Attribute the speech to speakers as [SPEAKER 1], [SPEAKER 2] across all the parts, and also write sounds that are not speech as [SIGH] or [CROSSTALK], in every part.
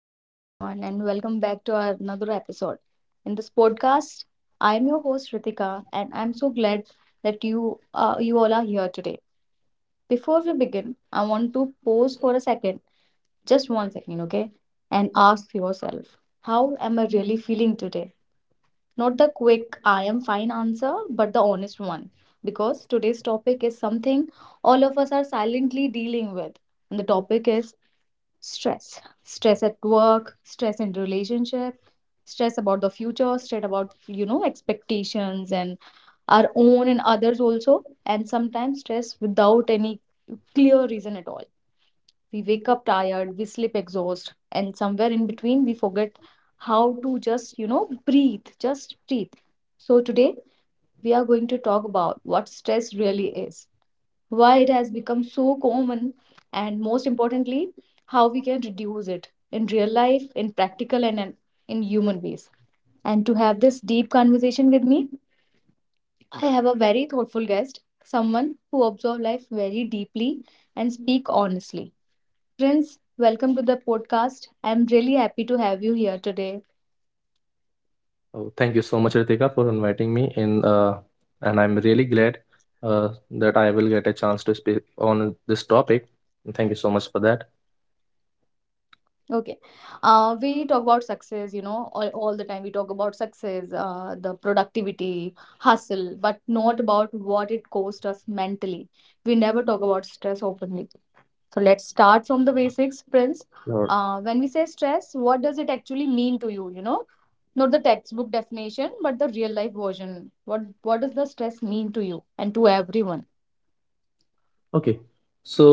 [SPEAKER 1] Hello, everyone, and welcome back to our another episode. In this podcast, I am your host Ritika, and I'm so glad that you all are here today. Before we begin, I want to pause for a second, just 1 second, okay, and ask yourself, how am I really feeling today? Not the quick "I am fine" answer, but the honest one, because today's topic is something all of us are silently dealing with, and the topic is stress. Stress at work, stress in relationship, stress about the future, stress about expectations, and our own and others also, and sometimes stress without any clear reason at all. We wake up tired, we sleep exhausted, and somewhere in between we forget how to just breathe, just breathe. So today we are going to talk about what stress really is, why it has become so common, and most importantly, how we can reduce it in real life, in practical, and in human ways. And to have this deep conversation with me, I have a very thoughtful guest, someone who observes life very deeply and speak honestly. Prince, welcome to the podcast. I'm really happy to have you here today.
[SPEAKER 2] Oh, thank you so much, Ritika, for inviting me in. And I'm really glad uh, that I will get a chance to speak on this topic. Thank you so much for that.
[SPEAKER 1] Okay. We talk about success, you know, all the time. We talk about success, the productivity, hustle, but not about what it cost us mentally. We never talk about stress openly. So let's start from the basics, Prince.
[SPEAKER 2] Your
[SPEAKER 1] When we say stress, what does it actually mean to you? You know, not the textbook definition, but the real life version. What does the stress mean to you and to everyone?
[SPEAKER 2] okay. So,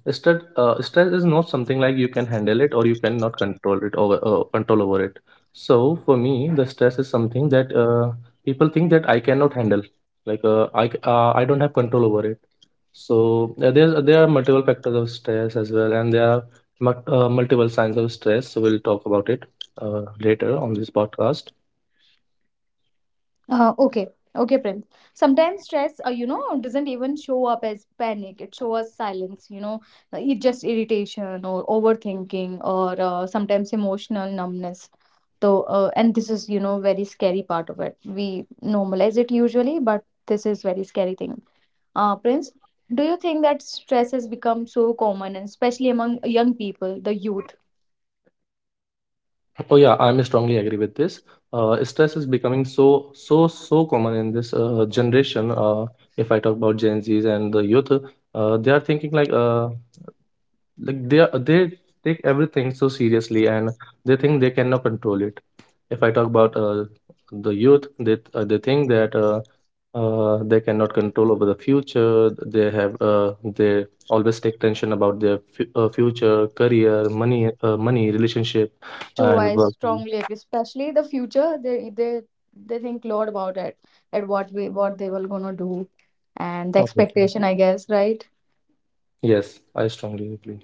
[SPEAKER 2] stress, stress is not something like you can handle it or you cannot control it over control over it. So, for me, the stress is something that people think that I cannot handle. Like I don't have control over it. So there are multiple factors of stress as well, and there are multiple signs of stress. So we'll talk about it later on this podcast.
[SPEAKER 1] Okay, okay, Prince. Sometimes stress doesn't even show up as panic. It shows as silence, it just irritation or overthinking or sometimes emotional numbness. So, and this is, very scary part of it. We normalize it usually, but this is very scary thing. Prince, do you think that stress has become so common, and especially among young people, the youth?
[SPEAKER 2] Oh yeah, I'm strongly agree with this. Stress is becoming so common in this generation. If I talk about Gen Zs and the youth, they are thinking like they take everything so seriously and they think they cannot control it. If I talk about the youth, they think that they cannot control over the future. They always take tension about their future, career, money, money, relationship,
[SPEAKER 1] True,
[SPEAKER 2] and
[SPEAKER 1] I
[SPEAKER 2] work.
[SPEAKER 1] strongly agree. Especially the future, they think a lot about it, at what we what they were gonna do, and the
[SPEAKER 2] Obviously.
[SPEAKER 1] expectation, I guess, right?
[SPEAKER 2] Yes, I strongly agree.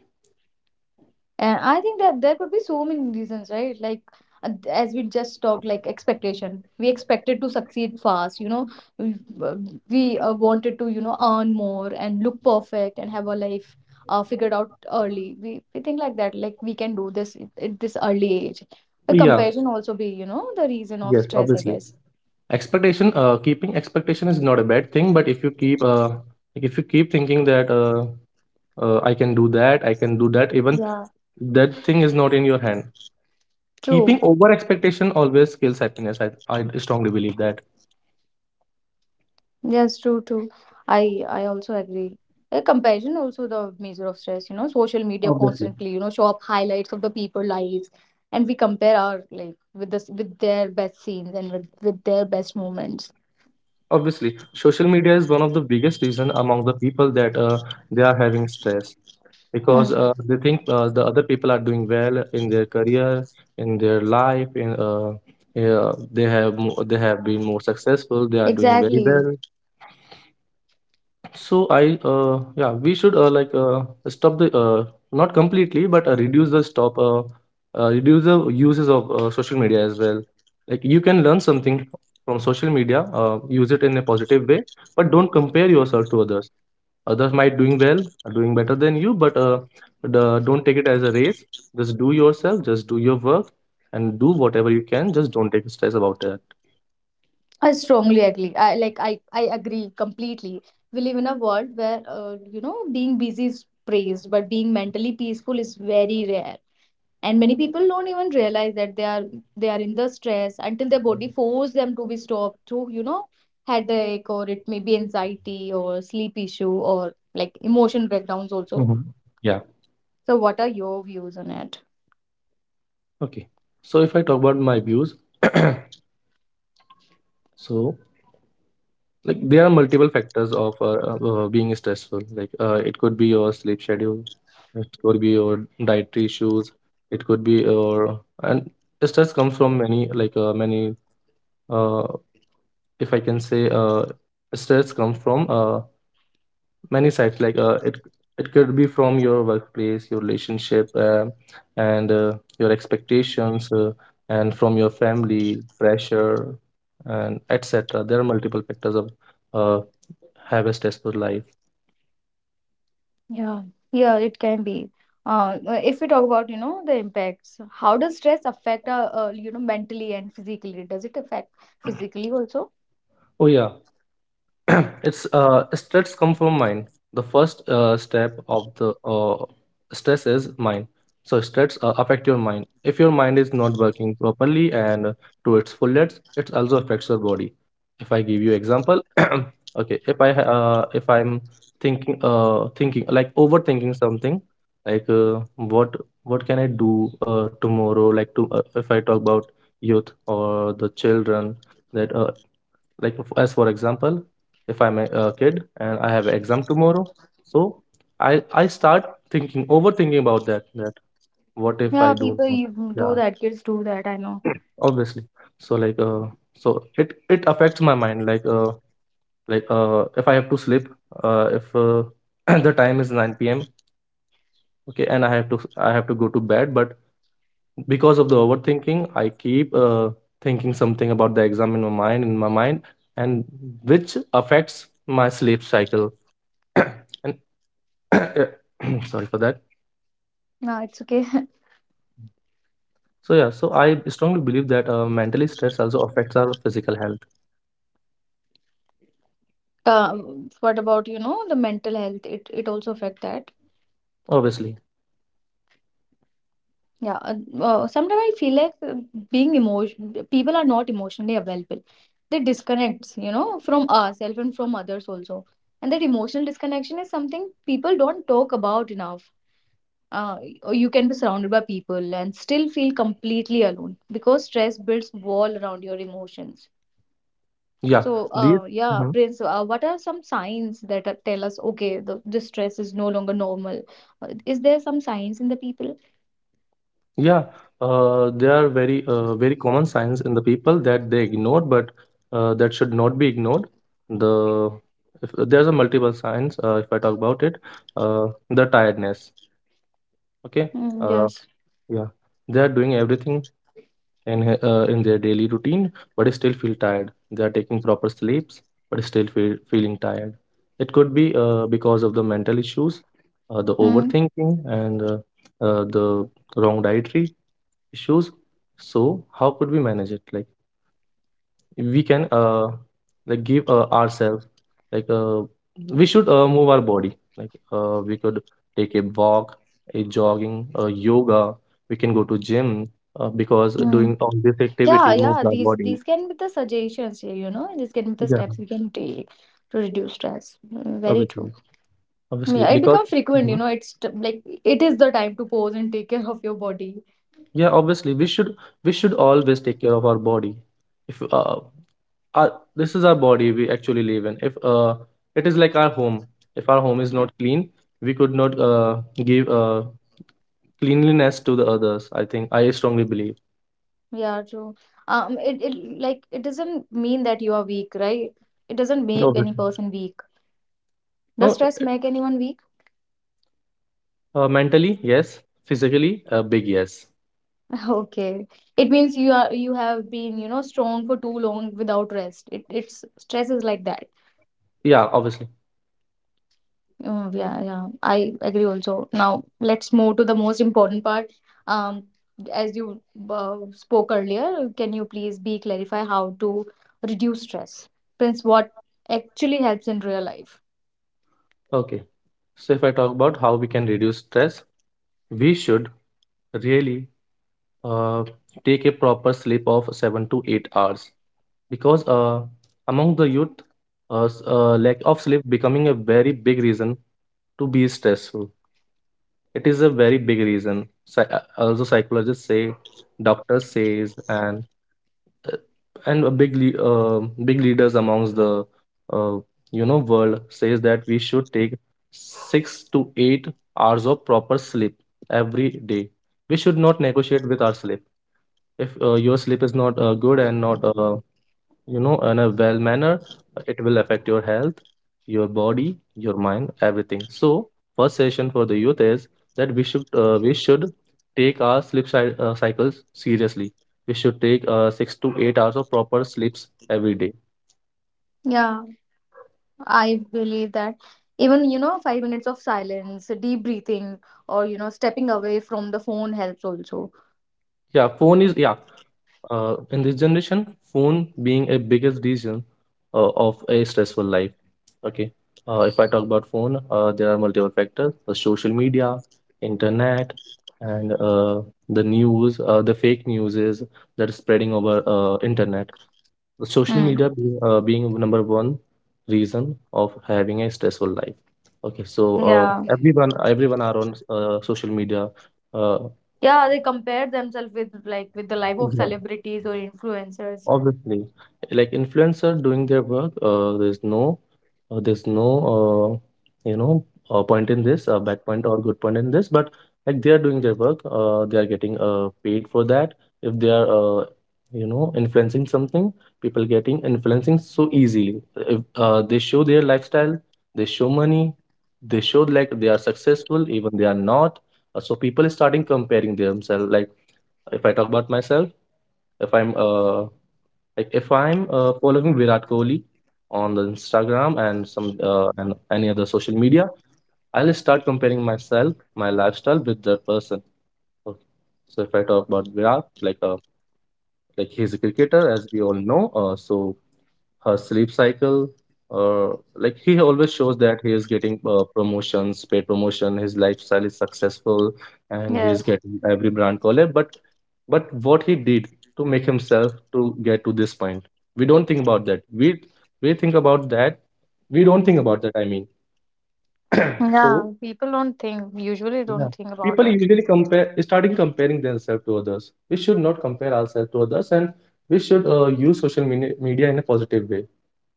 [SPEAKER 1] And I think that there could be so many reasons, right? Like as we just talked, like expectation. We expected to succeed fast. We uh, we wanted to earn more and look perfect and have our life figured out early. We think like that, like we can do this at this early age. The
[SPEAKER 2] Yeah,
[SPEAKER 1] comparison also be, the reason of
[SPEAKER 2] yes,
[SPEAKER 1] stress, I
[SPEAKER 2] obviously.
[SPEAKER 1] guess.
[SPEAKER 2] Expectation, keeping expectation is not a bad thing, but if you keep, like if you keep thinking that, I can do that, even
[SPEAKER 1] Yeah,
[SPEAKER 2] that thing is not in your hand. Keeping
[SPEAKER 1] true.
[SPEAKER 2] over expectation always kills happiness. I strongly believe that.
[SPEAKER 1] Yes, true, true. I also agree. A comparison also the measure of stress, social media
[SPEAKER 2] Obviously.
[SPEAKER 1] constantly, show up highlights of the people lives, and we compare our like with this with their best scenes and with their best moments.
[SPEAKER 2] Obviously, social media is one of the biggest reason among the people that they are having stress,
[SPEAKER 1] Hmm.
[SPEAKER 2] because they think the other people are doing well in their career in their life in yeah, they have been more successful, they are doing very well.
[SPEAKER 1] Exactly.
[SPEAKER 2] So I yeah, we should like stop the not completely, but reduce the uses of social media as well. Like you can learn something from social media, use it in a positive way, but don't compare yourself to others. Others might doing well, are doing better than you, but don't take it as a race. Just do yourself, just do your work, and do whatever you can. Just don't take stress about it.
[SPEAKER 1] I strongly agree. I like I agree completely. We live in a world where being busy is praised, but being mentally peaceful is very rare, and many people don't even realize that they are in the stress until their body force them to be stopped to headache, or it may be anxiety or sleep issue or like emotion breakdowns also.
[SPEAKER 2] Hmm. Yeah.
[SPEAKER 1] So what are your views on it?
[SPEAKER 2] Okay. So if I talk about my views, [CLEARS THROAT] so like there are multiple factors of being stressful. Like it could be your sleep schedule, it could be your dietary issues, it could be your and stress comes from many, uh, if I can say stress comes from many sites. Like it could be from your workplace, your relationship, and your expectations, and from your family pressure and etc. There are multiple factors of uh, have a stressful life.
[SPEAKER 1] Yeah, yeah, it can be. uh, if we talk about the impacts, how does stress affect mentally and physically? Does it affect physically also?
[SPEAKER 2] Oh yeah. [CLEARS THROAT] It's stress come from mind. The first step of the stress is mind. So stress affect your mind. If your mind is not working properly and to its fullest, it also affects your body. If I give you example, [CLEARS THROAT] okay, if I'm thinking like overthinking something, like what what can I do tomorrow. Like to if I talk about youth or the children, that like as for example, if I'm a kid and I have an exam tomorrow, so I start thinking overthinking about that what if
[SPEAKER 1] Yeah,
[SPEAKER 2] I do
[SPEAKER 1] people
[SPEAKER 2] not.
[SPEAKER 1] you do
[SPEAKER 2] Yeah,
[SPEAKER 1] that, kids do that, I know.
[SPEAKER 2] obviously. So like so it affects my mind, like if I have to sleep, if [CLEARS THROAT] the time is 9 p.m, okay, and I have to go to bed, but because of the overthinking, I keep thinking something about the exam in my mind, and which affects my sleep cycle. [COUGHS] And [COUGHS] sorry for that.
[SPEAKER 1] No, it's okay. [LAUGHS]
[SPEAKER 2] So yeah, so I strongly believe that mentally stress also affects our physical health.
[SPEAKER 1] What about, the mental health? It also affect that.
[SPEAKER 2] Obviously.
[SPEAKER 1] Yeah. Sometimes I feel like being emotion people are not emotionally available. They disconnect, from ourselves and from others also. And that emotional disconnection is something people don't talk about enough. Uh, or you can be surrounded by people and still feel completely alone, because stress builds wall around your emotions.
[SPEAKER 2] Yeah.
[SPEAKER 1] So,
[SPEAKER 2] These
[SPEAKER 1] yeah,
[SPEAKER 2] mhm.
[SPEAKER 1] Prince, what are some signs that tell us, okay, this stress is no longer normal? Is there some signs in the people?
[SPEAKER 2] Yeah, they are very common signs in the people that they ignore, but that should not be ignored. The if, there's a multiple signs, if I talk about it, uh, the tiredness. Okay.
[SPEAKER 1] Mm,
[SPEAKER 2] uh,
[SPEAKER 1] yes.
[SPEAKER 2] yeah, they are doing everything and in their daily routine, but still feel tired. They are taking proper sleeps, but feeling tired. It could be because of the mental issues, the
[SPEAKER 1] Mm,
[SPEAKER 2] overthinking and the wrong dietary issues. So how could we manage it? Like we can like give ourselves, like we should move our body, like we could take a walk, a jogging, a yoga. We can go to gym, because
[SPEAKER 1] mm.
[SPEAKER 2] doing all this
[SPEAKER 1] Yeah,
[SPEAKER 2] activity moves
[SPEAKER 1] yeah,
[SPEAKER 2] our
[SPEAKER 1] these
[SPEAKER 2] body.
[SPEAKER 1] these can be the suggestions here, these can be the
[SPEAKER 2] Yeah,
[SPEAKER 1] steps we can take to reduce stress. Mm, very true.
[SPEAKER 2] obviously. Obviously
[SPEAKER 1] Yeah, it
[SPEAKER 2] because
[SPEAKER 1] becomes frequent,
[SPEAKER 2] mhm.
[SPEAKER 1] like it is the time to pause and take care of your body.
[SPEAKER 2] Yeah, obviously we should, we should always take care of our body. If this is our body we actually live in. If it is like our home, if our home is not clean, we could not give cleanliness to the others, I think. I strongly believe.
[SPEAKER 1] Yeah, true. It doesn't mean that you are weak, right? It doesn't make
[SPEAKER 2] Obviously.
[SPEAKER 1] any person weak.
[SPEAKER 2] No,
[SPEAKER 1] Does stress make anyone weak?
[SPEAKER 2] mentally, yes. Physically, a big yes.
[SPEAKER 1] [LAUGHS] Okay. It means you have been, strong for too long without rest. It it's stress is like that.
[SPEAKER 2] Yeah, obviously.
[SPEAKER 1] Oh, yeah, yeah. I agree also. Now let's move to the most important part. Um, as you spoke earlier, can you please be clarify how to reduce stress? Prince, what actually helps in real life?
[SPEAKER 2] Okay. So if I talk about how we can reduce stress, we should really uh, take a proper sleep of 7 to 8 hours, because among the youth, lack of sleep becoming a very big reason to be stressful. It is a very big reason. Also, psychologists say, doctors says, and uh, and a big lea- uh, big leaders amongst the uh, you know world says that we should take 6 to 8 hours of proper sleep every day. We should not negotiate with our sleep. If your sleep is not good and not you know in a well manner, it will affect your health, your body, your mind, everything. So first session for the youth is that we should take our cycles seriously. We should take 6 to 8 hours of proper sleeps every day.
[SPEAKER 1] Yeah, I believe that even, 5 minutes of silence, deep breathing, or, stepping away from the phone helps also.
[SPEAKER 2] Yeah, phone is yeah, in this generation phone being a biggest reason of a stressful life. Okay. If I talk about phone, there are multiple factors: the social media, internet, and the news. The fake news is that is spreading over internet. The social
[SPEAKER 1] Hmm.
[SPEAKER 2] media being, being number one reason of having a stressful life. Okay, so
[SPEAKER 1] Yeah.
[SPEAKER 2] everyone are on social media. Uh,
[SPEAKER 1] Yeah, they compare themselves with with the life of
[SPEAKER 2] yeah.
[SPEAKER 1] celebrities or influencers.
[SPEAKER 2] Obviously, like influencer doing their work, there's no, uh, you know, point in this, bad point or good point in this, but like they are doing their work, they are getting paid for that. If they are, influencing something, people getting influencing so easily. If they show their lifestyle, they show money, they show like they are successful, even they are not. So people starting comparing themselves. Like if I talk about myself, if I'm uh if I'm following Virat Kohli on the Instagram and some and any other social media, I'll start comparing myself, my lifestyle with that person. Okay. So if I talk about Virat, like he's a cricketer, as we all know. So her sleep cycle uh, like he always shows that he is getting promotions, paid promotion, his lifestyle is successful, and he's
[SPEAKER 1] Yes.
[SPEAKER 2] getting every brand collab, but what he did to make himself to get to this point, we don't think about that. We think about that we don't think about that, I mean. So
[SPEAKER 1] Yeah. People don't think, usually
[SPEAKER 2] yeah,
[SPEAKER 1] don't think about
[SPEAKER 2] people
[SPEAKER 1] it.
[SPEAKER 2] usually compare starting comparing themselves to others. We should not compare ourselves to others, and we should use social media in a positive way.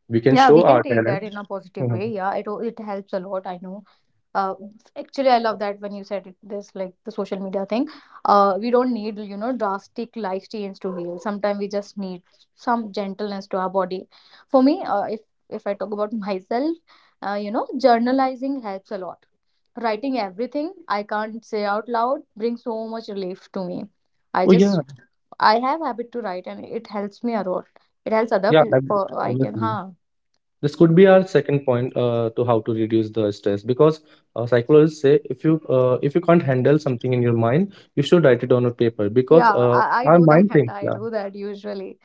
[SPEAKER 2] We can
[SPEAKER 1] Yeah,
[SPEAKER 2] show
[SPEAKER 1] we can
[SPEAKER 2] our
[SPEAKER 1] take that in a positive
[SPEAKER 2] talent.
[SPEAKER 1] way. Yeah, it helps a lot. I know. uh, Actually, I love that when you said it, this like the social media thing. We don't need drastic life change to heal. Sometimes we just need some gentleness to our body. For me, if I talk about [LAUGHS] myself, journalizing helps a lot. Writing everything I can't say out loud brings so much relief to me. i
[SPEAKER 2] Oh yeah,
[SPEAKER 1] just i have habit to write and it helps me a lot. It helps other
[SPEAKER 2] yeah,
[SPEAKER 1] people I can
[SPEAKER 2] obviously.
[SPEAKER 1] huh.
[SPEAKER 2] This could be our second point to how to reduce the stress, because psychologists say if you can't handle something in your mind, you should write it on a paper, because
[SPEAKER 1] Yeah, I
[SPEAKER 2] our
[SPEAKER 1] do that
[SPEAKER 2] mind
[SPEAKER 1] [LAUGHS]
[SPEAKER 2] thinks.
[SPEAKER 1] I
[SPEAKER 2] Yeah,
[SPEAKER 1] do that usually.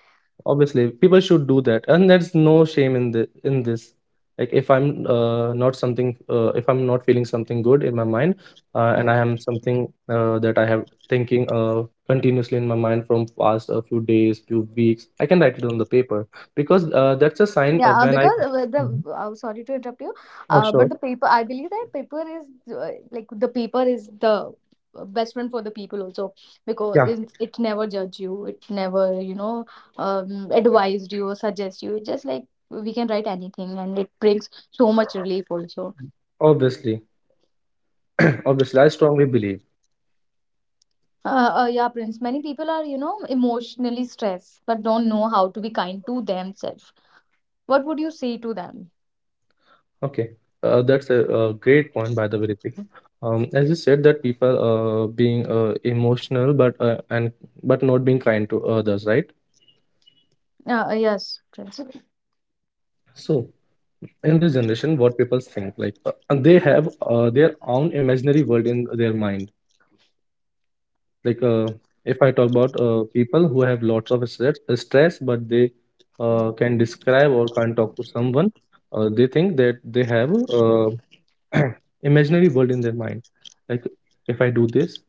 [SPEAKER 2] obviously people should do that, and there's no shame in the in this. Like if I'm not feeling something good in my mind,
[SPEAKER 1] Hmm.
[SPEAKER 2] and I am something that I have thinking continuously in my mind from past a few days, few weeks, I can write it on the paper, because that's a sign
[SPEAKER 1] Yeah,
[SPEAKER 2] of when I
[SPEAKER 1] because
[SPEAKER 2] mhm.
[SPEAKER 1] the sorry to interrupt you,
[SPEAKER 2] Oh
[SPEAKER 1] but
[SPEAKER 2] sure.
[SPEAKER 1] the paper, I believe that paper is like the paper is the best friend for the people also, because
[SPEAKER 2] Yeah,
[SPEAKER 1] it never judge you, it never advised you or suggest you. It's just like we can write anything, and it brings so much relief also.
[SPEAKER 2] obviously. [CLEARS THROAT] Obviously, I strongly believe.
[SPEAKER 1] Yeah, Prince. Many people are emotionally stressed but don't know how to be kind to themselves. What would you say to them?
[SPEAKER 2] Okay, that's a, great point, by the way, Ritika. As you said that people being emotional, but not being kind to others, right?
[SPEAKER 1] Yes, Prince.
[SPEAKER 2] So in this generation, what people think like and they have their own imaginary world in their mind. Like uh, if I talk about people who have lots of stress, but they can describe or can't talk to someone, they think that they have uh, [CLEARS THROAT] imaginary world in their mind. Like if I do this,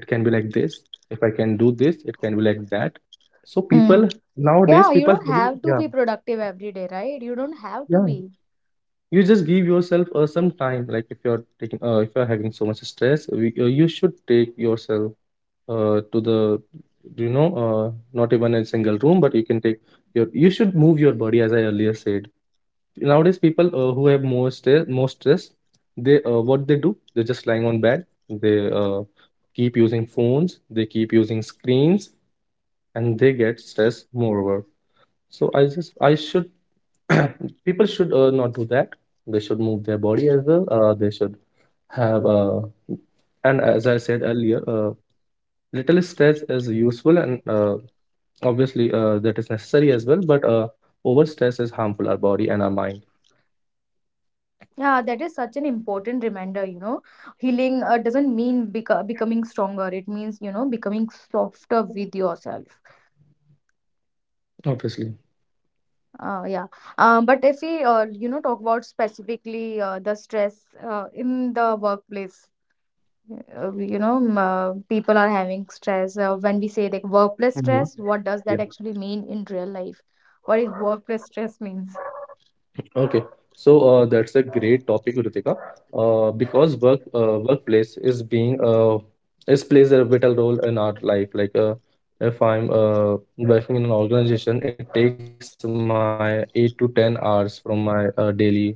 [SPEAKER 2] it can be like this. If I can do this, it can be like that. So people, nowadays
[SPEAKER 1] Yeah, you
[SPEAKER 2] people
[SPEAKER 1] don't
[SPEAKER 2] having,
[SPEAKER 1] have to
[SPEAKER 2] yeah.
[SPEAKER 1] be productive every day, right? You don't have to
[SPEAKER 2] Yeah,
[SPEAKER 1] be.
[SPEAKER 2] you just give yourself some time. Like if you're having so much stress, you should take yourself to the, you know uh, not even a single room, but you can take you should move your body, as I earlier said. Nowadays, people who have more stress, they what they do, they're just lying on bed. They uh, keep using phones, they keep using screens, and they get stressed moreover. So I just I should [CLEARS THROAT] People should not do that. They should move their body as well. They should have and, as I said earlier, little stress is useful, and obviously that is necessary as well. But over stress is harmful our body and our mind.
[SPEAKER 1] Yeah, that is such an important reminder. Healing doesn't mean becoming stronger. It means, becoming softer with yourself.
[SPEAKER 2] Obviously.
[SPEAKER 1] Yeah. But if we, talk about specifically the stress in the workplace, people are having stress. When we say like workplace
[SPEAKER 2] Mhm.
[SPEAKER 1] stress, what does that actually mean in real life? What is workplace stress means?
[SPEAKER 2] Okay, so that's a great topic, Ritika, because workplace is being is plays a vital role in our life. If I'm working in an organization, it takes my 8 to 10 hours from my daily life, you know.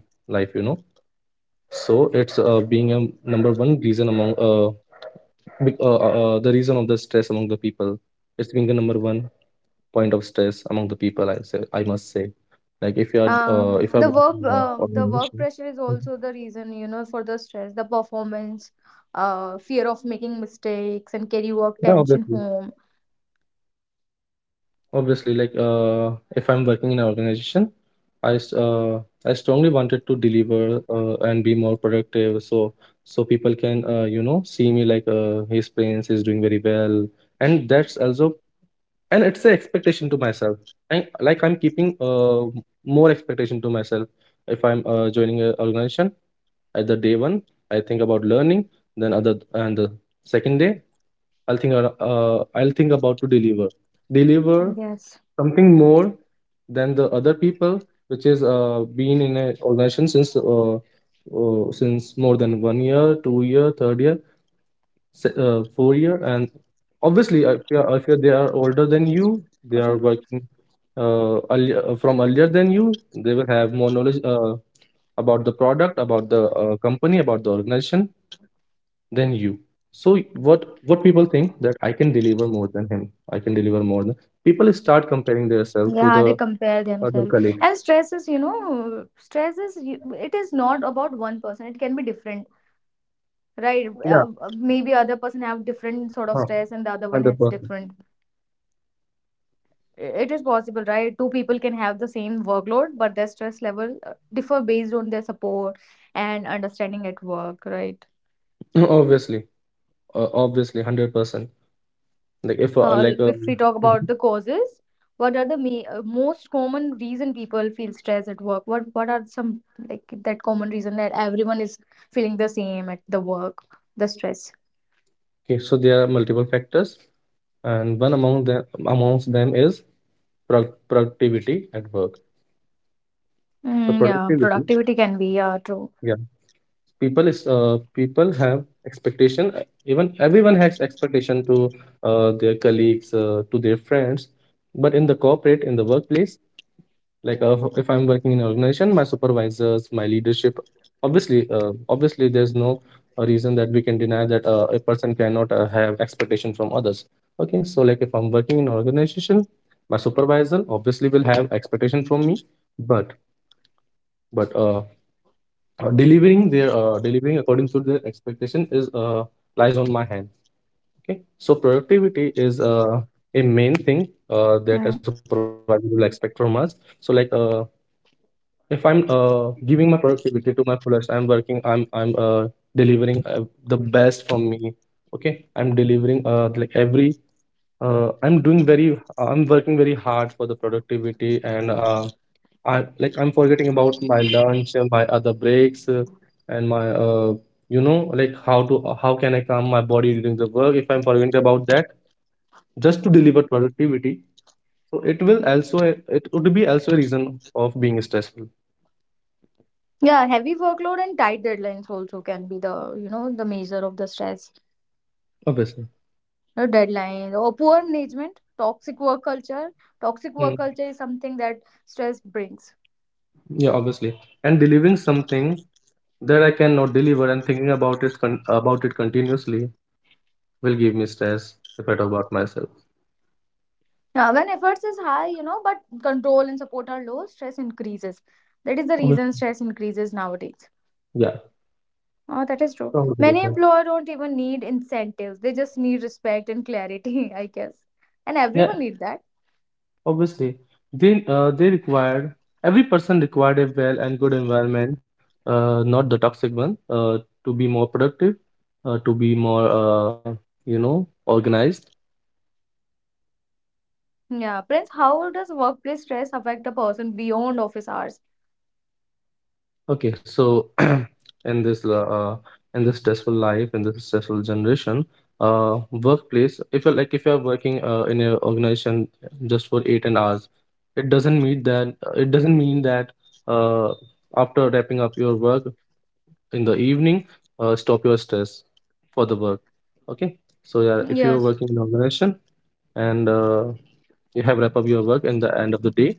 [SPEAKER 2] So it's being a number one reason among the reason of the stress among the people. It's being the number one point of stress among the people. I must say, like if you are if
[SPEAKER 1] Uh,
[SPEAKER 2] I'm working
[SPEAKER 1] the
[SPEAKER 2] in an
[SPEAKER 1] work uh,
[SPEAKER 2] organization.
[SPEAKER 1] the work pressure is also the reason for the stress, the performance, fear of making mistakes, and carry
[SPEAKER 2] Yeah,
[SPEAKER 1] work
[SPEAKER 2] obviously.
[SPEAKER 1] tension home.
[SPEAKER 2] Obviously, if I'm working in an organization, I strongly wanted to deliver and be more productive, so people can, you know, see me like, his Prince is doing very well, and that's also, and it's an expectation to myself. I'm keeping more expectation to myself if I'm joining an organization. At the day one, I think about learning. Then other and the second day, I'll think about to deliver
[SPEAKER 1] Yes,
[SPEAKER 2] something more than the other people, which is been in an organization since more than 1 year, 2 year, third year, 4 year, and obviously if you, they are older than you, they are
[SPEAKER 1] person.
[SPEAKER 2] working from earlier than you. They will have more knowledge about the product, about the company, about the organization than you. So what what people think, that I can deliver more than him. I can deliver more than People start comparing themselves to
[SPEAKER 1] Yeah,
[SPEAKER 2] the
[SPEAKER 1] they compare
[SPEAKER 2] other
[SPEAKER 1] themselves.
[SPEAKER 2] colleague.
[SPEAKER 1] And stress is you know stress is you- it is not about one person, it can be different, right?
[SPEAKER 2] Yeah.
[SPEAKER 1] Maybe other person have different sort of
[SPEAKER 2] Huh.
[SPEAKER 1] stress, and the other one has
[SPEAKER 2] 100%.
[SPEAKER 1] different. It is possible, right? Two people can have the same workload, but their stress level differ based on their support and understanding at work, right?
[SPEAKER 2] Obviously. Obviously, 100%. Like if like
[SPEAKER 1] If we talk
[SPEAKER 2] Mhm.
[SPEAKER 1] about the causes, what are the me most common reason people feel stress at work? What are some like that common reason that everyone is feeling the same at the work, the stress?
[SPEAKER 2] Okay, so there are multiple factors, and one among them amongst them is productivity at work. So
[SPEAKER 1] Mm, yeah,
[SPEAKER 2] productivity,
[SPEAKER 1] productivity can be true.
[SPEAKER 2] yeah, people have expectation. Even everyone has expectation to their colleagues, to their friends, but in the corporate, in the workplace, like uh, if I'm working in an organization, my supervisors, my leadership, obviously there's no reason that we can deny that a person cannot have expectation from others. Okay, so like if I'm working in an organization, my supervisor obviously will have expectation from me, but but delivering according to their expectation is lies on my hand. Okay, so productivity is a main thing that
[SPEAKER 1] Mm.
[SPEAKER 2] a supervisor will expect from us. So, if I'm giving my productivity to my fullest, I'm working, I'm delivering the best from me. Okay, I'm delivering like every uh, I'm doing very I'm working very hard for the productivity, and i I'm forgetting about my lunch, my other breaks, and my you know, like how can I calm my body during the work, if I'm forgetting about that just to deliver productivity. So it would be also a reason of being stressful,
[SPEAKER 1] Yeah, heavy workload and tight deadlines also can be the measure of the stress.
[SPEAKER 2] obviously.
[SPEAKER 1] No deadlines or poor management, toxic work culture toxic work
[SPEAKER 2] Hmm.
[SPEAKER 1] culture is something that stress brings.
[SPEAKER 2] Yeah, obviously. And delivering something that I cannot deliver, and thinking about it continuously, will give me stress, if I talk about myself.
[SPEAKER 1] Now when efforts is high, but control and support are low, stress increases. That is the reason
[SPEAKER 2] Obviously.
[SPEAKER 1] stress increases nowadays.
[SPEAKER 2] Yeah.
[SPEAKER 1] Oh, that is true.
[SPEAKER 2] Totally
[SPEAKER 1] Many
[SPEAKER 2] different.
[SPEAKER 1] employer don't even need incentives, they just need respect and clarity, [LAUGHS] I guess. And everyone
[SPEAKER 2] Yeah,
[SPEAKER 1] need that.
[SPEAKER 2] obviously. They required, every person required a well and good environment, not the toxic one, to be more productive, to be more, you know, organized.
[SPEAKER 1] Yeah, Prince, how does workplace stress affect a person beyond office hours?
[SPEAKER 2] Okay, so [CLEARS THROAT] in this la- uh, in this stressful life, in this stressful generation, workplace. If you're working in an organization just for 8 and hours, it doesn't mean that, uh, after wrapping up your work in the evening, stop your stress for the work. Okay, so yeah, if you're
[SPEAKER 1] Yes.
[SPEAKER 2] working in an organization, and you have wrap up your work in the end of the day,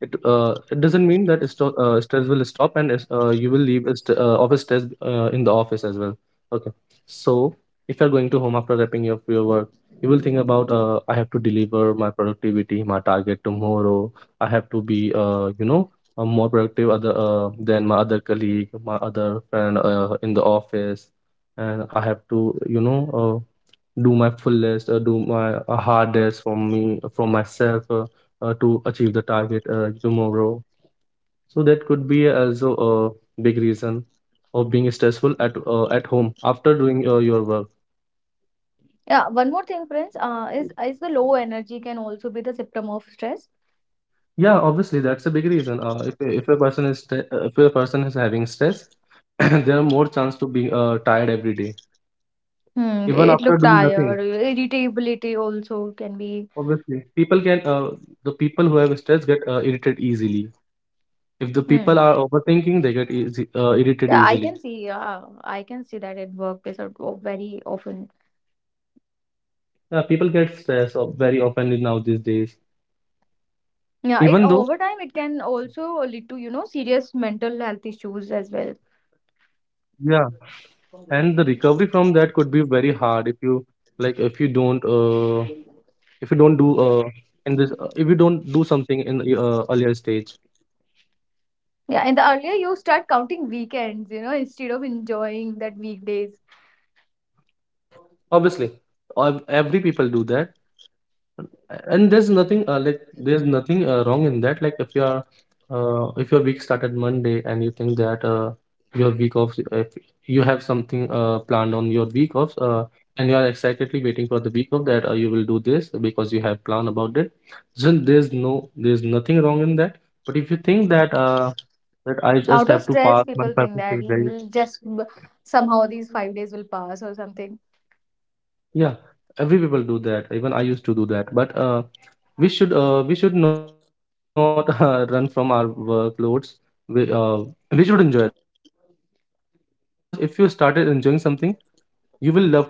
[SPEAKER 2] it doesn't mean that stress will stop, and you will leave a office stress in the office as well. Okay, so if you're going to home after wrapping up your work, you will think about, I have to deliver my productivity, my target tomorrow. I have to be you know, more productive other than my other colleague, my other friend, in the office. And I have to, you know, do my fullest, do my hardest for me, for myself, to achieve the target tomorrow. So that could be also a big reason of being stressful at home after doing your work.
[SPEAKER 1] Yeah, one more thing, Prince. Is the low energy can also be the symptom of stress?
[SPEAKER 2] Yeah, obviously that's a big reason. If a- if a person is stre- if a person is having stress, [COUGHS] [CLEARS THROAT] there are more chance to be tired every day,
[SPEAKER 1] Hmm,
[SPEAKER 2] even
[SPEAKER 1] it look
[SPEAKER 2] after doing
[SPEAKER 1] tired.
[SPEAKER 2] nothing.
[SPEAKER 1] Irritability also can be.
[SPEAKER 2] Obviously, people can the people who have stress get irritated easily. If the
[SPEAKER 1] Hmm.
[SPEAKER 2] people are overthinking, they get irritated
[SPEAKER 1] Yeah, I can
[SPEAKER 2] easily.
[SPEAKER 1] see. Yeah, I can see that at workplace, or very often.
[SPEAKER 2] Yeah, people get stressed very often in now these days.
[SPEAKER 1] Yeah, it over time it can
[SPEAKER 2] Even though,
[SPEAKER 1] also lead to, serious mental health issues as well.
[SPEAKER 2] yeah, and the recovery from that could be very hard. Like if you don't uh if you don't do uh if you don't do something in the stage.
[SPEAKER 1] Yeah, and the earlier you start counting weekends, instead of enjoying that weekdays.
[SPEAKER 2] Obviously, every people do that, and there's nothing there's nothing wrong in that. Like if your week started Monday, and you think that, your week off, if you have something planned on your offs, and you are excitedly waiting for the week off, that you will do this because you have plan about it, then there's nothing wrong in that. But if you think that, that I
[SPEAKER 1] Out
[SPEAKER 2] just
[SPEAKER 1] of
[SPEAKER 2] have to
[SPEAKER 1] stress,
[SPEAKER 2] pass my
[SPEAKER 1] people
[SPEAKER 2] five
[SPEAKER 1] think
[SPEAKER 2] to
[SPEAKER 1] that
[SPEAKER 2] six days.
[SPEAKER 1] " somehow these 5 days will pass or something."
[SPEAKER 2] Yeah, every people do that. Even I used to do that. But we should not [LAUGHS] run from our workloads. We uh, we should enjoy that, because if you started enjoying something, you will love to do that.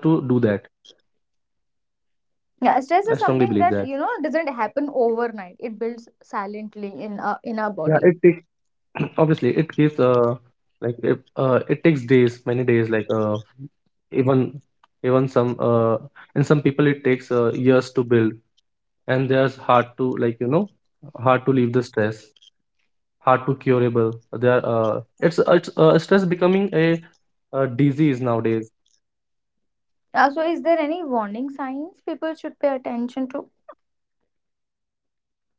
[SPEAKER 2] I
[SPEAKER 1] Yeah,
[SPEAKER 2] strongly
[SPEAKER 1] stress is
[SPEAKER 2] believe that.
[SPEAKER 1] something that, you know, doesn't happen overnight. It builds silently in in our
[SPEAKER 2] Yeah,
[SPEAKER 1] body.
[SPEAKER 2] it takes [CLEARS THROAT] obviously it gives like it, it takes days, many days. Even Even some in some people, it takes years to build, and there's hard to, hard to leave the stress. Hard to curable. They are, it's Stress becoming a, disease nowadays.
[SPEAKER 1] Yeah, so is there any warning signs people should pay attention to?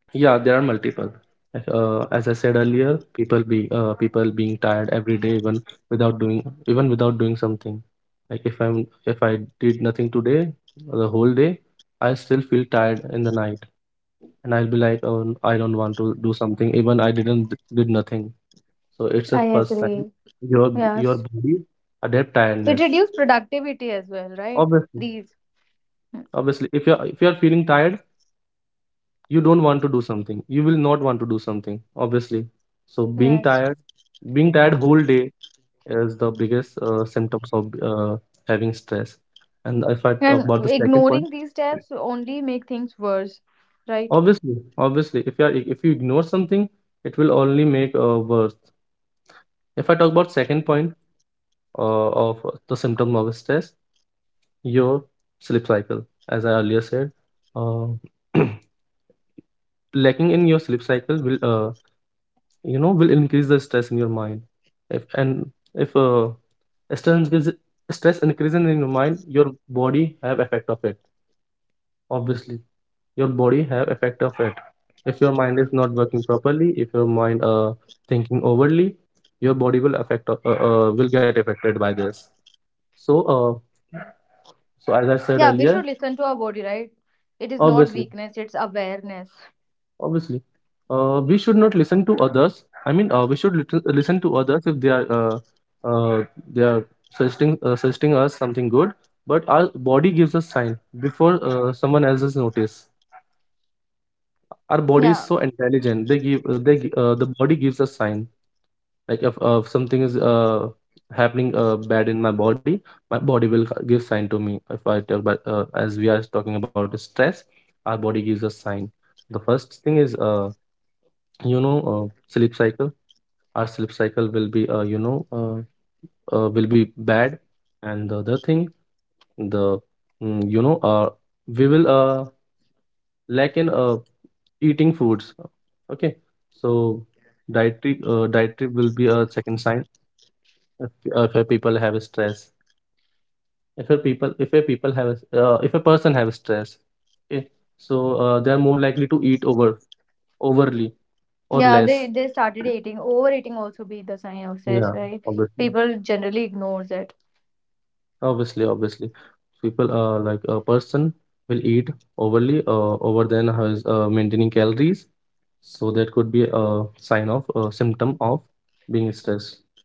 [SPEAKER 2] Yeah, there are multiple. As I said earlier, people being tired every day, even without doing something. Like if I did nothing today, the whole day, I still feel tired in the night, and I'll be like, oh, I don't want to do something. Even I didn't did nothing. So it's a
[SPEAKER 1] I
[SPEAKER 2] first sign.
[SPEAKER 1] agree.
[SPEAKER 2] Your
[SPEAKER 1] Yes.
[SPEAKER 2] body adapt tiredness.
[SPEAKER 1] It reduces productivity as well, right?
[SPEAKER 2] obviously
[SPEAKER 1] These. Mm.
[SPEAKER 2] Obviously, if you're feeling tired, you don't want to do something you will not want to do something obviously so
[SPEAKER 1] Yes.
[SPEAKER 2] Being tired whole day is the biggest symptoms of having stress. And if I talk
[SPEAKER 1] And
[SPEAKER 2] about the second
[SPEAKER 1] ignoring these
[SPEAKER 2] point,
[SPEAKER 1] steps only make things worse, right?
[SPEAKER 2] obviously obviously, if you ignore something, it will only make worse. If I talk about second point, of the symptom of stress, your sleep cycle, as I earlier said, uh, [CLEARS THROAT] lacking in your sleep cycle will, will increase the stress in your mind. If and if Stress increases in your mind, your body have effect of it, obviously. Your body have effect of it. If your mind is not working properly, if your mind thinking overly, your body will affect will get affected by this. So uh so as I said
[SPEAKER 1] Yeah, we
[SPEAKER 2] earlier,
[SPEAKER 1] should listen to our body, right? It is not
[SPEAKER 2] obviously
[SPEAKER 1] weakness, it's awareness.
[SPEAKER 2] obviously, we should not listen to others. I mean, we should listen to others if they are, uh, they are suggesting us something good. But our body gives us sign before someone else's notice. Our body is
[SPEAKER 1] Yeah.
[SPEAKER 2] so intelligent. They give. The body gives us sign. Like if something is happening bad in my body will give sign to me. If I talk about, as we are talking about stress, our body gives us sign. The first thing is, sleep cycle. Our sleep cycle will be, will be bad. And the other thing, the mm, you know we will, lack in, eating foods. Okay, so dietary, will be a second sign. If, if a people have stress, if a person have stress, okay, so they are more likely to eat overly or
[SPEAKER 1] Yeah,
[SPEAKER 2] less.
[SPEAKER 1] they started eating. Overeating also be the sign of
[SPEAKER 2] Yeah,
[SPEAKER 1] stress, right?
[SPEAKER 2] obviously.
[SPEAKER 1] People generally ignores it.
[SPEAKER 2] Obviously, obviously, People, like a person, will eat overly, over than his maintaining calories, so that could be a sign of a symptom of being stressful.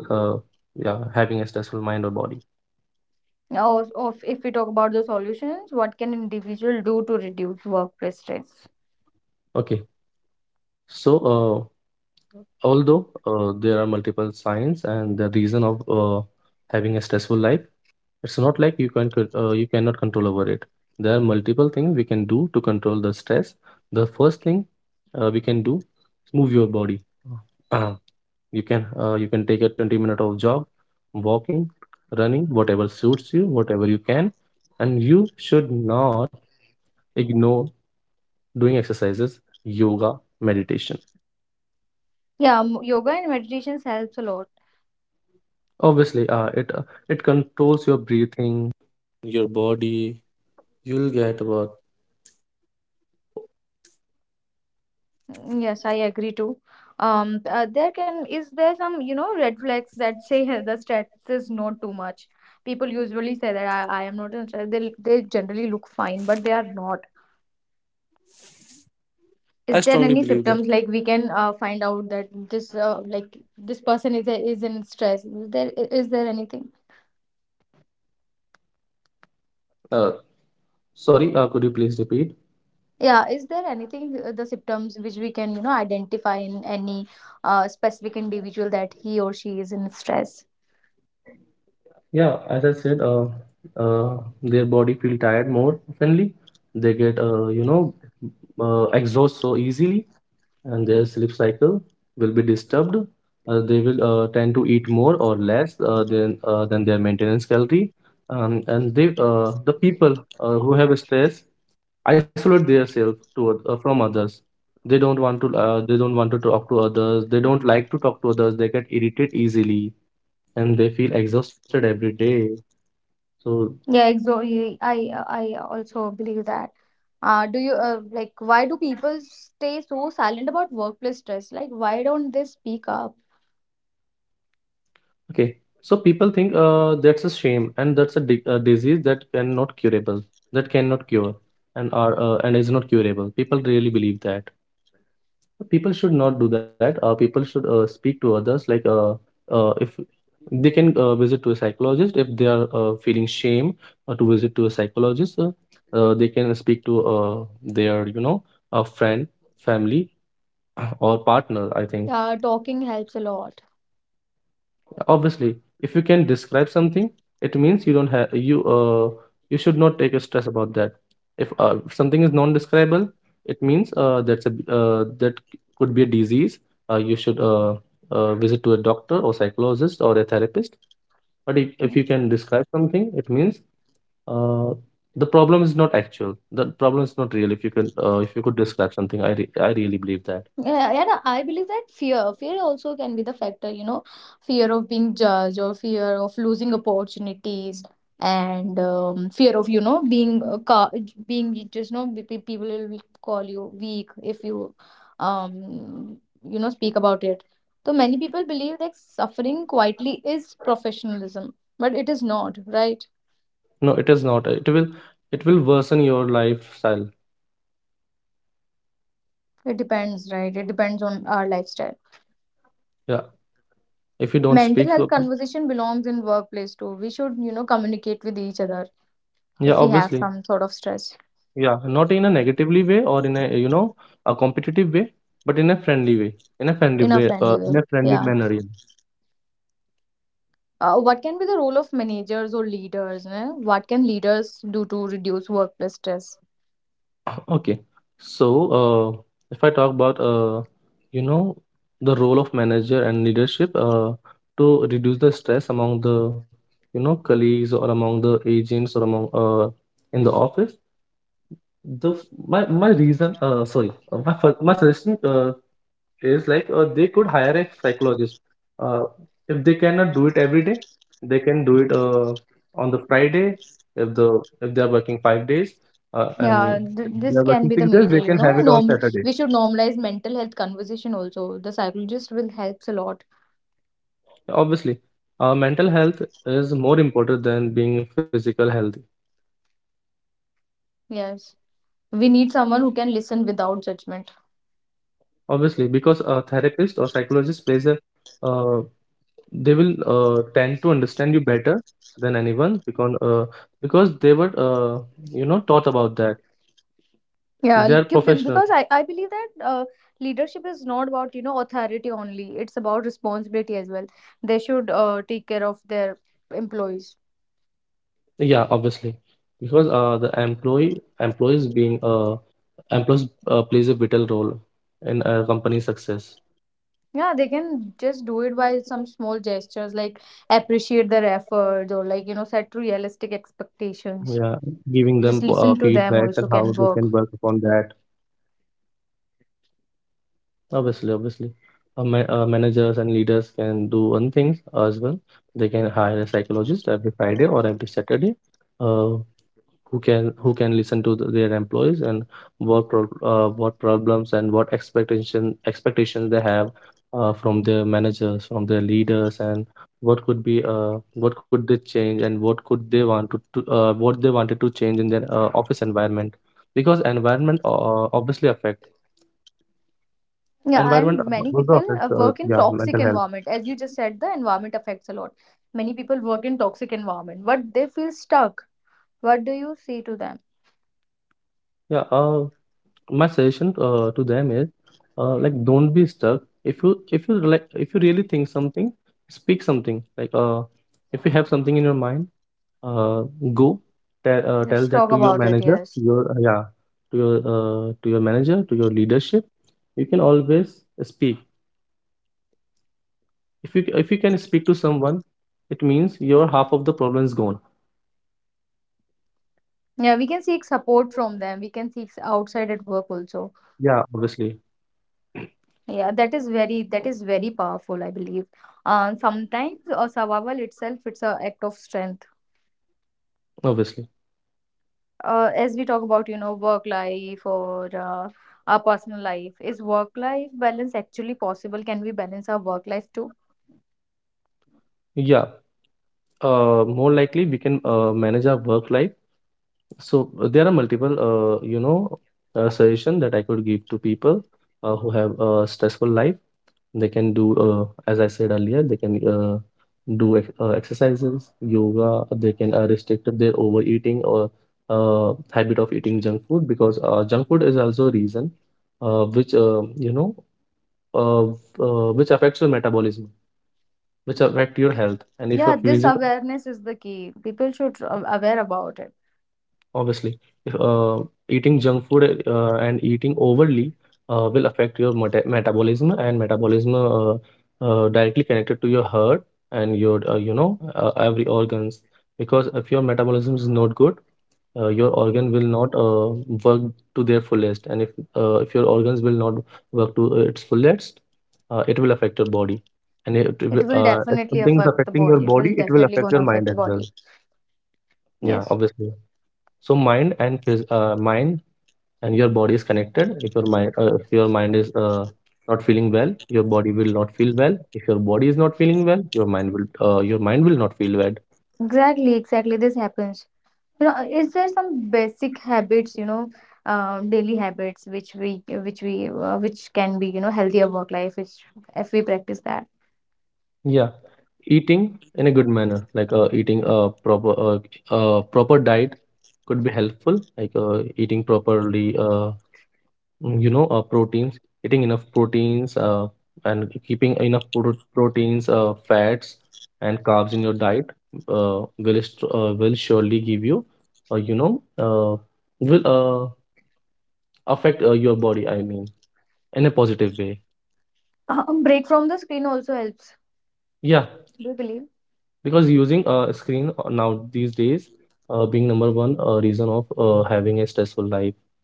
[SPEAKER 2] Uh, yeah, having a stressful mind or body.
[SPEAKER 1] Now, of if we talk about the solutions, what can individual do to reduce workplace stress?
[SPEAKER 2] Okay, so although there are multiple signs and the reason of having a stressful life, it's not like you can you cannot control over it. There are multiple things we can do to control the stress. The first thing we can do is move your body. [CLEARS THROAT] Uh, you can take a 20 minute of jog, walking, running, whatever suits you, whatever you can, and you should not ignore doing exercises, yoga, meditation.
[SPEAKER 1] Yeah, yoga and meditations helps a lot.
[SPEAKER 2] Obviously, it controls.
[SPEAKER 1] Yes, I agree too. There can is there some, you know, red flags that say [LAUGHS] the stress is not too much. People usually say that I am not in stress. They generally look fine, but they are not. Is there any symptoms like we can find out that this person is in stress? Is there anything?
[SPEAKER 2] Sorry, could you please repeat?
[SPEAKER 1] Yeah, is there anything, the symptoms which we can, you know, identify in any specific individual that he or she is in stress?
[SPEAKER 2] Yeah, as I said, their body feel tired more oftenly. They get, exhaust so easily, and their sleep cycle will be disturbed. They will tend to eat more or less, than their maintenance calorie. And the people who have stress isolate themselves to from others. They don't want to talk to others. They don't like to talk to others. They get irritated easily and they feel exhausted every day. So,
[SPEAKER 1] Yeah, exactly. I also believe that. Do you why do people stay so silent about workplace stress? Like, why don't they speak up?
[SPEAKER 2] okay, so people think that's a shame and that's a, a disease that cannot curable, that cannot cure and is not curable. People really believe that. People should not do that. People should speak to others like, if they can visit to a psychologist if they are feeling shame to visit to a psychologist. They can speak to their, a friend, family, [CLEARS THROAT] or partner. I think,
[SPEAKER 1] Talking helps a lot.
[SPEAKER 2] obviously, if you can describe something, it means you don't have you you should not take a stress about that. If something is non-describable, it means that could be a disease. You should, visit to a doctor or psychologist or a therapist. But if you
[SPEAKER 1] Hmm.
[SPEAKER 2] can describe something, it means uh the problem is not actual. The problem is not real. If you can, if you could describe something, I really believe that.
[SPEAKER 1] Yeah, and I believe that fear also can be the factor, you know, fear of being judged or fear of losing opportunities and fear of, you know, being just, you know, people will call you weak if you, um, you know, speak about it. So many people believe that suffering quietly is professionalism, but it is not, right?
[SPEAKER 2] No, it is not. It will worsen your lifestyle.
[SPEAKER 1] It depends, right? It depends on our lifestyle.
[SPEAKER 2] Yeah, if you don't
[SPEAKER 1] Mental
[SPEAKER 2] speak,
[SPEAKER 1] health
[SPEAKER 2] so
[SPEAKER 1] conversation belongs in workplace too. We should, you know, communicate with each other
[SPEAKER 2] yeah,
[SPEAKER 1] if we have
[SPEAKER 2] obviously.
[SPEAKER 1] some sort of stress
[SPEAKER 2] Yeah, not in a negatively way or in a, a competitive way, but in a friendly way, in a friendly
[SPEAKER 1] in a
[SPEAKER 2] way,
[SPEAKER 1] friendly way.
[SPEAKER 2] in a friendly
[SPEAKER 1] Yeah.
[SPEAKER 2] manner, yeah.
[SPEAKER 1] What can be the role of managers or leaders? Eh? What can leaders do to reduce workplace stress?
[SPEAKER 2] Okay, so uh, if I talk about, you know the role of manager and leadership to reduce the stress among the, colleagues or among the agents or among, in the office, the f- my reason sorry my fir- my suggestion is like they could hire a psychologist. Uh, if they cannot do it every day, they can do it on the Friday. If they are working 5 days,
[SPEAKER 1] Yeah,
[SPEAKER 2] and if they
[SPEAKER 1] this
[SPEAKER 2] are
[SPEAKER 1] can
[SPEAKER 2] working
[SPEAKER 1] be the
[SPEAKER 2] 6 days,
[SPEAKER 1] major,
[SPEAKER 2] they
[SPEAKER 1] you
[SPEAKER 2] can have
[SPEAKER 1] know.
[SPEAKER 2] it on Saturday.
[SPEAKER 1] We should normalize mental health conversation also. The psychologist will helps a lot.
[SPEAKER 2] Obviously, mental health is more important than being physical healthy.
[SPEAKER 1] Yes. We need someone who can listen without judgment.
[SPEAKER 2] Obviously, because a therapist or psychologist plays a, uh, they will tend to understand you better than anyone, because they were taught about that.
[SPEAKER 1] Yeah,
[SPEAKER 2] They're professional.
[SPEAKER 1] because I believe that leadership is not about, you know, authority only. It's about responsibility as well. They should take care of their employees.
[SPEAKER 2] Yeah, obviously, because the employee employees being employees plays a vital role in a company's success.
[SPEAKER 1] Yeah, they can just do it by some small gestures like appreciate their efforts or, like, you know, set realistic expectations.
[SPEAKER 2] Yeah, giving
[SPEAKER 1] Just
[SPEAKER 2] them
[SPEAKER 1] listen to them
[SPEAKER 2] feedback and
[SPEAKER 1] also
[SPEAKER 2] how
[SPEAKER 1] can
[SPEAKER 2] they can
[SPEAKER 1] work.
[SPEAKER 2] work upon that. Obviously, managers and leaders can do one thing as well. They can hire a psychologist every Friday or every Saturday. Uh, who can listen to their employees and what problems and what expectations they have from their managers, from their leaders, and what could be, what could they change and what could they want to what they wanted to change in their office environment, because environment, obviously affect
[SPEAKER 1] Yeah, and
[SPEAKER 2] environment
[SPEAKER 1] many
[SPEAKER 2] also
[SPEAKER 1] people
[SPEAKER 2] affects,
[SPEAKER 1] work in
[SPEAKER 2] yeah,
[SPEAKER 1] toxic
[SPEAKER 2] mental health.
[SPEAKER 1] environment. As you just said, the environment affects a lot. Many people work in toxic environment, but they feel stuck. What do you say to them?
[SPEAKER 2] Yeah, my suggestion to them is, like don't be stuck. If you really think something, speak something. Like, if you have something in your mind, uh, go tell,
[SPEAKER 1] Let's
[SPEAKER 2] tell
[SPEAKER 1] talk
[SPEAKER 2] that to your
[SPEAKER 1] about it,
[SPEAKER 2] manager,
[SPEAKER 1] yes.
[SPEAKER 2] your, yeah to your manager, to your leadership. You can always speak. If you can speak to someone, it means your half of the problem is gone.
[SPEAKER 1] Yeah, we can seek support from them. We can seek outside at work also.
[SPEAKER 2] Yeah, obviously.
[SPEAKER 1] Yeah, that is very, that is very powerful, I believe. Sometimes survival itself it's a act of strength.
[SPEAKER 2] obviously
[SPEAKER 1] As we talk about, you know, work life or our personal life, is work life balance actually possible? Can we balance our work life too?
[SPEAKER 2] yeah, more likely we can manage our work life. So there are multiple, suggestion that I could give to people who have a stressful life. They can do, as I said earlier, they can exercises, yoga. They can restrict their overeating or habit of eating junk food, because junk food is also a reason uh, which uh, you know uh, which affects your metabolism, which affect your health. And if
[SPEAKER 1] Yeah,
[SPEAKER 2] your
[SPEAKER 1] this
[SPEAKER 2] physical,
[SPEAKER 1] awareness is the key. People should aware about it.
[SPEAKER 2] obviously, if eating junk food and eating overly will affect your metabolism, and metabolism, directly connected to your heart and your, every organs. Because if your metabolism is not good, your organ will not work to their fullest, and if, if your organs will not work to its fullest, it will affect your body. And
[SPEAKER 1] It will definitely
[SPEAKER 2] if something
[SPEAKER 1] affect
[SPEAKER 2] is
[SPEAKER 1] the body.
[SPEAKER 2] affecting
[SPEAKER 1] It
[SPEAKER 2] your
[SPEAKER 1] will
[SPEAKER 2] body, it
[SPEAKER 1] definitely
[SPEAKER 2] will
[SPEAKER 1] gonna
[SPEAKER 2] affect your
[SPEAKER 1] affect the
[SPEAKER 2] mind as
[SPEAKER 1] body.
[SPEAKER 2] well.
[SPEAKER 1] Yes,
[SPEAKER 2] Yeah, obviously. So mind and your body is connected. If your mind, is not feeling well, your body will not feel well. If your body is not feeling well, your mind will, your mind will not feel well.
[SPEAKER 1] exactly, exactly. This happens. You know, is there some basic habits, you know, daily habits which can be, you know, healthier work life which if we practice that.
[SPEAKER 2] Yeah, eating in a good manner, like eating a proper, proper diet could be helpful. Like eating properly, Mm, you know proteins eating enough proteins, and keeping enough proteins, fats and carbs in your diet will surely give you, you know will affect your body, I mean, in a positive way.
[SPEAKER 1] Break from the screen also helps.
[SPEAKER 2] Yeah,
[SPEAKER 1] Do you believe?
[SPEAKER 2] because using a, screen now these days, being number one reason of having a stressful life.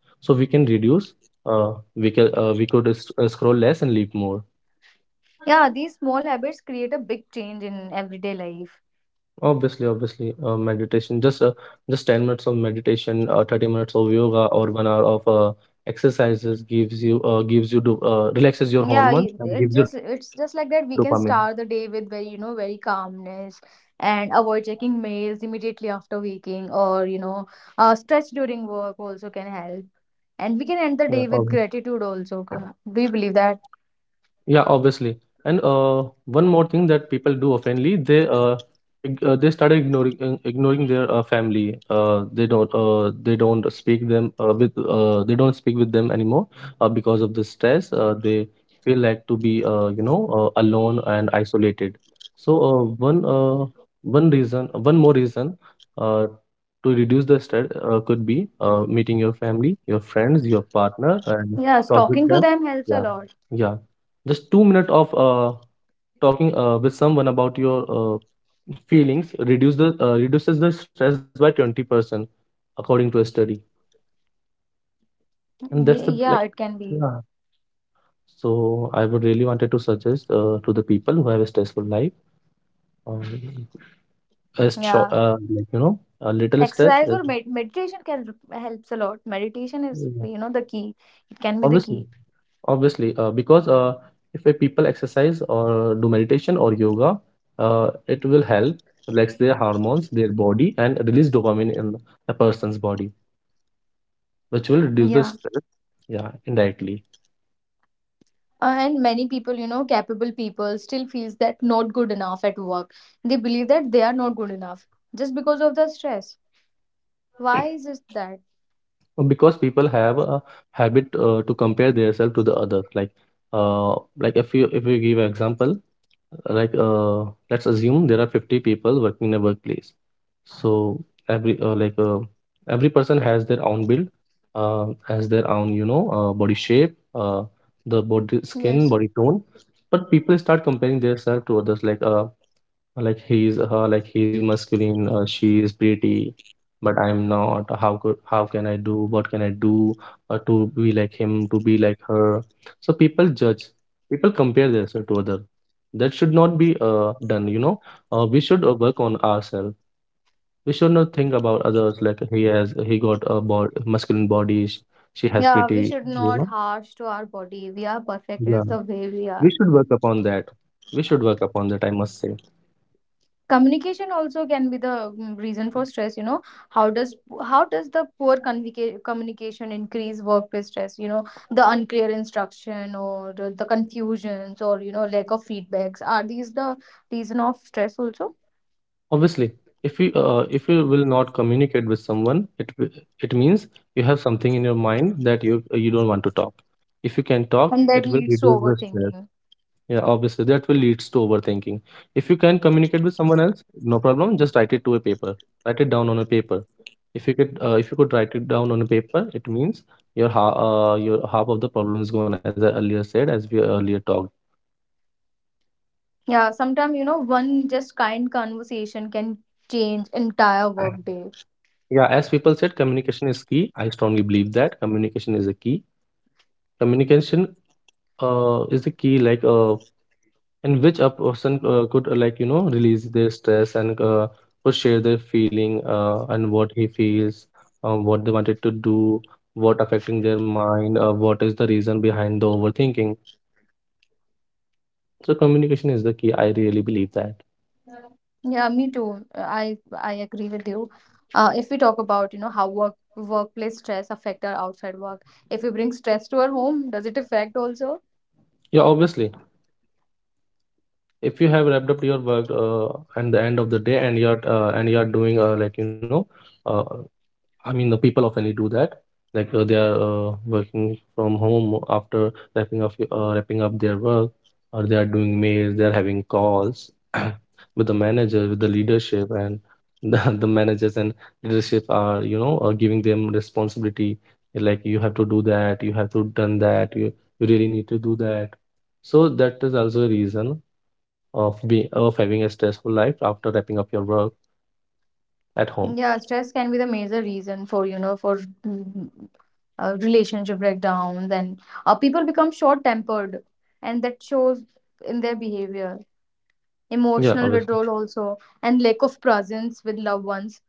[SPEAKER 2] So we can reduce, we can we could s- scroll less and live more.
[SPEAKER 1] Yeah, these small habits create a big change in everyday life.
[SPEAKER 2] Obviously, obviously, meditation. Just 10 minutes of meditation, 30 minutes of yoga, or 1 hour of exercises gives you, relaxes your
[SPEAKER 1] Yeah,
[SPEAKER 2] hormone
[SPEAKER 1] it
[SPEAKER 2] and
[SPEAKER 1] just,
[SPEAKER 2] gives you
[SPEAKER 1] it's
[SPEAKER 2] dopamine.
[SPEAKER 1] just like that we can start the day with very, you know, very calmness and avoid checking mails immediately after waking or, you know, stretch during work also can help. And we can end the
[SPEAKER 2] Yeah,
[SPEAKER 1] day with
[SPEAKER 2] obviously.
[SPEAKER 1] gratitude also. Do you believe that?
[SPEAKER 2] Yeah, obviously. And one more thing that people do oftenly, they started ignoring their family. They don't speak them, with they don't speak with them anymore, because of the stress. They feel like to be, alone and isolated. So one uh, one more reason uh, to reduce the stress could be meeting your family, your friends, your partner,
[SPEAKER 1] Yes,
[SPEAKER 2] and
[SPEAKER 1] talking to them
[SPEAKER 2] talk with
[SPEAKER 1] helps a
[SPEAKER 2] them.
[SPEAKER 1] lot.
[SPEAKER 2] Yeah. Yeah, just 2 minutes of talking with someone about your feelings reduces the stress by 20% according to a study, and that's the
[SPEAKER 1] Yeah,
[SPEAKER 2] like
[SPEAKER 1] it can be.
[SPEAKER 2] yeah So I would really wanted to suggest to the people who have a stressful life, um, a
[SPEAKER 1] Yeah.
[SPEAKER 2] short, a little stress
[SPEAKER 1] Exercise or
[SPEAKER 2] is.
[SPEAKER 1] meditation can helps a lot. Meditation is, you know, the key. It can be the key.
[SPEAKER 2] Obviously, obviously, because if a people exercise or do meditation or yoga, it will help relax their hormones, their body, and release dopamine in a person's body, which will reduce
[SPEAKER 1] Yeah.
[SPEAKER 2] the stress. Yeah, indirectly,
[SPEAKER 1] And many people, you know, capable people still feels that not good enough at work. They believe that they are not good enough just because of the stress. Why is it that?
[SPEAKER 2] because people have a habit to compare themselves to the other. Like if you give an example, like let's assume there are 50 people working in a workplace. So every uh, like uh, every person has their own build, has their own body shape, the body
[SPEAKER 1] Yes.
[SPEAKER 2] skin, body tone, but people start comparing themselves to others, like he's her like he's masculine, she is pretty, but I'm not. How can I do, what can I do to be like him, to be like her? So people judge, people compare themselves to other. That should not be done, you know. We should work on ourselves. We should not think about others, like he has he got a bod masculine body she has
[SPEAKER 1] Yeah, we
[SPEAKER 2] pretty,
[SPEAKER 1] should not
[SPEAKER 2] you know.
[SPEAKER 1] harsh to our body. We are perfect. It is
[SPEAKER 2] Yeah,
[SPEAKER 1] the way we are.
[SPEAKER 2] we should work upon that. We should work upon that, I must say.
[SPEAKER 1] Communication also can be the, reason for stress, you know. How does how does the poor communication increase workplace stress, you know, the unclear instruction or the confusions or, you know, lack of feedbacks? Are these the reason of stress also?
[SPEAKER 2] Obviously, if you will not communicate with someone, it means you have something in your mind that you don't want to talk. If you can
[SPEAKER 1] And
[SPEAKER 2] talk,
[SPEAKER 1] that
[SPEAKER 2] it
[SPEAKER 1] leads
[SPEAKER 2] will
[SPEAKER 1] to
[SPEAKER 2] reduce the
[SPEAKER 1] overthinking.
[SPEAKER 2] stress. Yeah, obviously that will leads to overthinking. If you can communicate with someone else, no problem. Just write it to a paper. Write it down on a paper. If you could write it down on a paper, it means your half of the problem is gone. As I earlier said, as we earlier talked.
[SPEAKER 1] Yeah, sometimes you know one just kind conversation can change entire workday
[SPEAKER 2] Yeah, as people said, communication is key. I strongly believe that communication is a key. Communication is the key, like in which a person could release their stress and or share their feeling, and what he feels, what they wanted to do, what affecting their mind, what is the reason behind the overthinking. So communication is the key. I really believe that.
[SPEAKER 1] yeah me too. I agree with you. If we talk about, you know, how workplace stress affect our outside work, if we bring stress to our home, does it affect also?
[SPEAKER 2] Yeah, obviously, if you have wrapped up your work and the end of the day and you're doing. Uh, I mean, the people often do that. Like they are working from home after wrapping up their work, or they are doing mails. They are having calls [CLEARS THROAT] with the manager, with the leadership, and the, [LAUGHS] the managers and leadership are, you know, are giving them responsibility. Like you have to do that, you have to done that, you really need to do that. So that is also a reason of having a stressful life after wrapping up your work at home.
[SPEAKER 1] Yeah, stress can be the major reason for, you know, for mm, relationship breakdowns and people become short tempered, and that shows in their behavior,
[SPEAKER 2] Yeah,
[SPEAKER 1] emotional
[SPEAKER 2] obviously.
[SPEAKER 1] withdrawal also, and lack of presence with loved ones.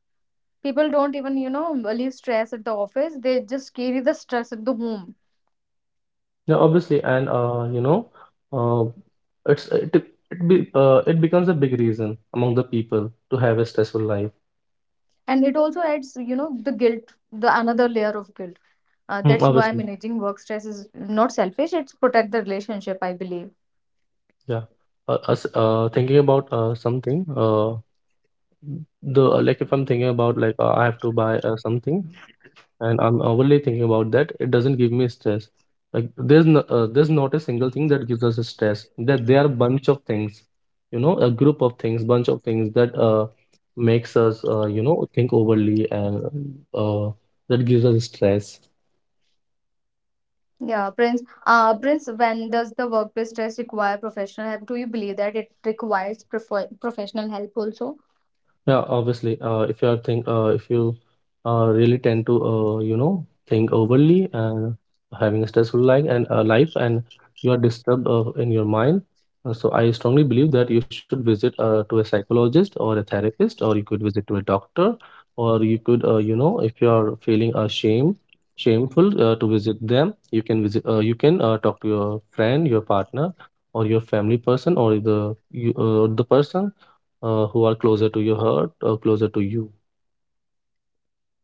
[SPEAKER 1] People don't even, you know, relieve stress at the office. They just carry the stress at the home.
[SPEAKER 2] Yeah, obviously, and you know, uh, it's it it be it becomes a big reason among the people to have a stressful life.
[SPEAKER 1] And it also adds, you know, the guilt, the another layer of guilt.
[SPEAKER 2] Mm,
[SPEAKER 1] That's why
[SPEAKER 2] obviously,
[SPEAKER 1] managing work stress is not selfish, it's protect the relationship, I believe.
[SPEAKER 2] yeah. Us Thinking about something. The like If I'm thinking about like I have to buy something, and I'm overly thinking about that, it doesn't give me stress. Like there's there's not a single thing that gives us a stress. That there are bunch of things, you know, a group of things, bunch of things that makes us think overly and uh, that gives us stress.
[SPEAKER 1] Yeah, Prince, when does the workplace stress require professional help? Do you believe that it requires professional help also?
[SPEAKER 2] Yeah, obviously. If you really tend to, think overly and having a stressful life, and you are disturbed in your mind. So I strongly believe that you should visit to a psychologist or a therapist, or you could visit to a doctor, or you could, if you are feeling shameful to visit them, you can visit. You can talk to your friend, your partner, or your family person, or the person who are closer to your heart or closer to you.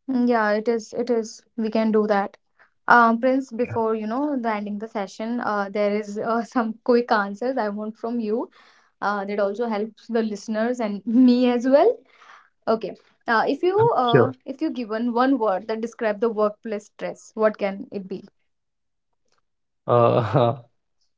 [SPEAKER 1] Mm, yeah, it is we can do that. Prince,
[SPEAKER 2] Yeah.
[SPEAKER 1] before, you know, the ending the session, there is [LAUGHS] some quick answers I want from you. That also helps the listeners and [LAUGHS] me as well. Okay. If you
[SPEAKER 2] Sure.
[SPEAKER 1] if you given one word that describe the workplace stress, what can it be?
[SPEAKER 2] Uh, [LAUGHS]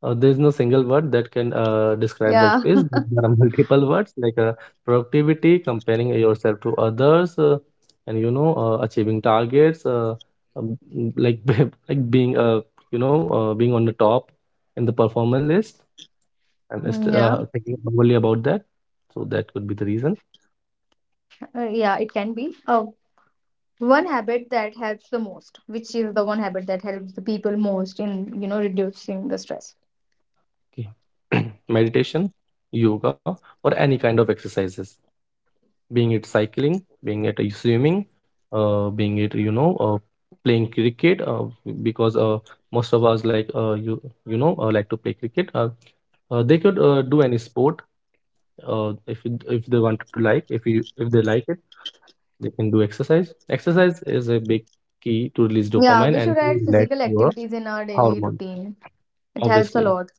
[SPEAKER 2] there's no single word that can describe
[SPEAKER 1] Yeah,
[SPEAKER 2] workplace.
[SPEAKER 1] [LAUGHS]
[SPEAKER 2] There are [LAUGHS] multiple words, like productivity, comparing yourself to others, and you know, achieving targets, [LAUGHS] like being being on the top in the performance list. I'm just
[SPEAKER 1] Mm, yeah.
[SPEAKER 2] thinking only about that. So that could be the reason.
[SPEAKER 1] Yeah. It can be. One habit that helps the most, which is the one habit that helps the people most in, you know, reducing the stress.
[SPEAKER 2] Okay. [CLEARS THROAT] Meditation, yoga, or any kind of exercises. Being it cycling, being it swimming, being it playing cricket, because most of us like like to play cricket. They could do any sport if if they wanted to, like if you if they like it, they can do exercise. Exercise is a big key to release
[SPEAKER 1] Yeah,
[SPEAKER 2] dopamine
[SPEAKER 1] we should
[SPEAKER 2] and to
[SPEAKER 1] add
[SPEAKER 2] relax
[SPEAKER 1] physical
[SPEAKER 2] your
[SPEAKER 1] activities in our daily
[SPEAKER 2] hormone.
[SPEAKER 1] routine. It helps a
[SPEAKER 2] Obviously,
[SPEAKER 1] lot.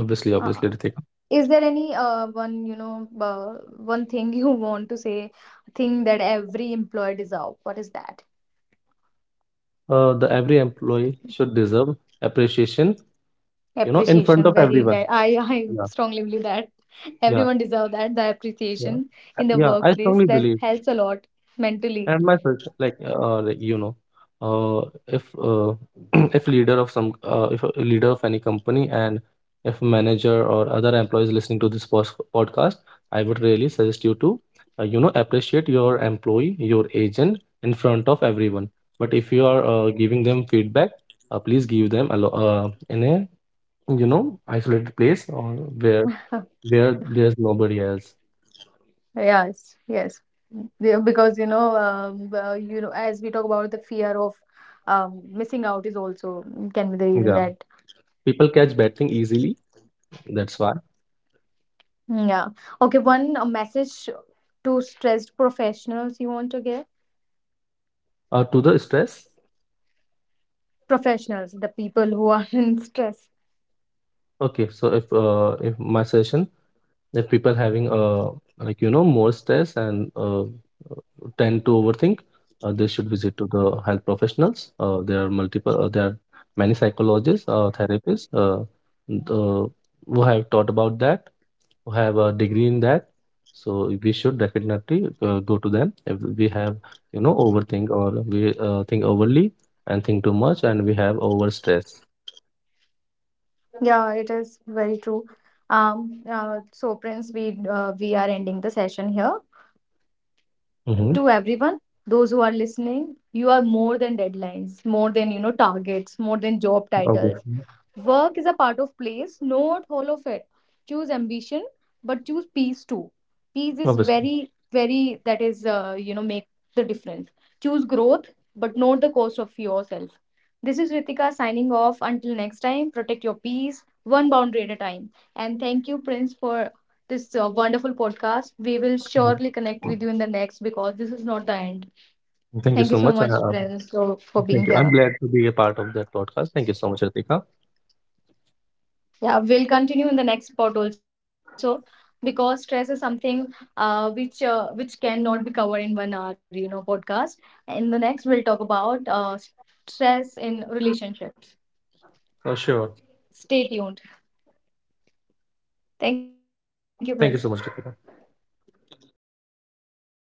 [SPEAKER 2] obviously,
[SPEAKER 1] Uh,
[SPEAKER 2] obviously, Ritik.
[SPEAKER 1] Is there any one, you know, one thing you want to say, thing that every employee deserve? What is that?
[SPEAKER 2] The every employee should deserve appreciation. You know, in
[SPEAKER 1] Appreciation.
[SPEAKER 2] front of
[SPEAKER 1] Very, very.
[SPEAKER 2] everyone.
[SPEAKER 1] I [LAUGHS] I
[SPEAKER 2] Yeah.
[SPEAKER 1] strongly believe that
[SPEAKER 2] Yeah.
[SPEAKER 1] everyone deserve that, the
[SPEAKER 2] Yeah,
[SPEAKER 1] appreciation in the
[SPEAKER 2] yeah, I
[SPEAKER 1] workplace.
[SPEAKER 2] strongly
[SPEAKER 1] That
[SPEAKER 2] believe,
[SPEAKER 1] helps a lot mentally.
[SPEAKER 2] and my first, like, if [CLEARS THROAT] if leader of some, if a leader of any company, and if manager or other employees listening to this podcast, I would really suggest you to, appreciate your employee, your agent in front of everyone. But if you are giving them feedback, please give them in a, you know, isolated place, or where
[SPEAKER 1] Huh.
[SPEAKER 2] where there's nobody else.
[SPEAKER 1] Yes, yes. Yeah. Because, you know, as we talk about the fear of, missing out is also can be the reason
[SPEAKER 2] Yeah.
[SPEAKER 1] that.
[SPEAKER 2] People catch bad thing easily, that's why.
[SPEAKER 1] Yeah. Okay, one message to stressed professionals you want to give?
[SPEAKER 2] To the stress.
[SPEAKER 1] Professionals, the people who are [LAUGHS] in stress.
[SPEAKER 2] Okay, so if my suggestion, if people having more stress and tend to overthink, they should visit to the health professionals. There are many psychologists, therapists, the, who have taught about that, who have a degree in that. So we should definitely go to them if we have, you know, overthink, or we think overly and think too much and we have over stress.
[SPEAKER 1] Yeah, it is very true. So Prince, we are ending the session here.
[SPEAKER 2] Mm-hmm.
[SPEAKER 1] To everyone, those who are listening, you are more than deadlines, more than, you know, targets, more than job titles.
[SPEAKER 2] Obviously,
[SPEAKER 1] Work is a part of place, not all of it. Choose ambition, but choose peace too. Peace is
[SPEAKER 2] obviously.
[SPEAKER 1] very, very, that is, you know, make the difference. Choose growth, but not the cost of yourself. This is Ritika signing off. Until next time, protect your peace one boundary at a time. And thank you, Prince, for this wonderful podcast. We will
[SPEAKER 2] Uh,
[SPEAKER 1] surely connect with you in the next because this is not the end.
[SPEAKER 2] Thank
[SPEAKER 1] Thank
[SPEAKER 2] you
[SPEAKER 1] you
[SPEAKER 2] so
[SPEAKER 1] so
[SPEAKER 2] much,
[SPEAKER 1] much, Prince, for being
[SPEAKER 2] thank you,
[SPEAKER 1] there.
[SPEAKER 2] I'm glad to be a part of that podcast. Thank you so much, Ritika.
[SPEAKER 1] Yeah, we'll continue in the next part also because stress is something which cannot be covered in 1 hour, you know, podcast. In the next, we'll talk about stress in relationships.
[SPEAKER 2] Sure.
[SPEAKER 1] Stay tuned. Thank you, Prince.
[SPEAKER 2] Thank you so much, Ritika.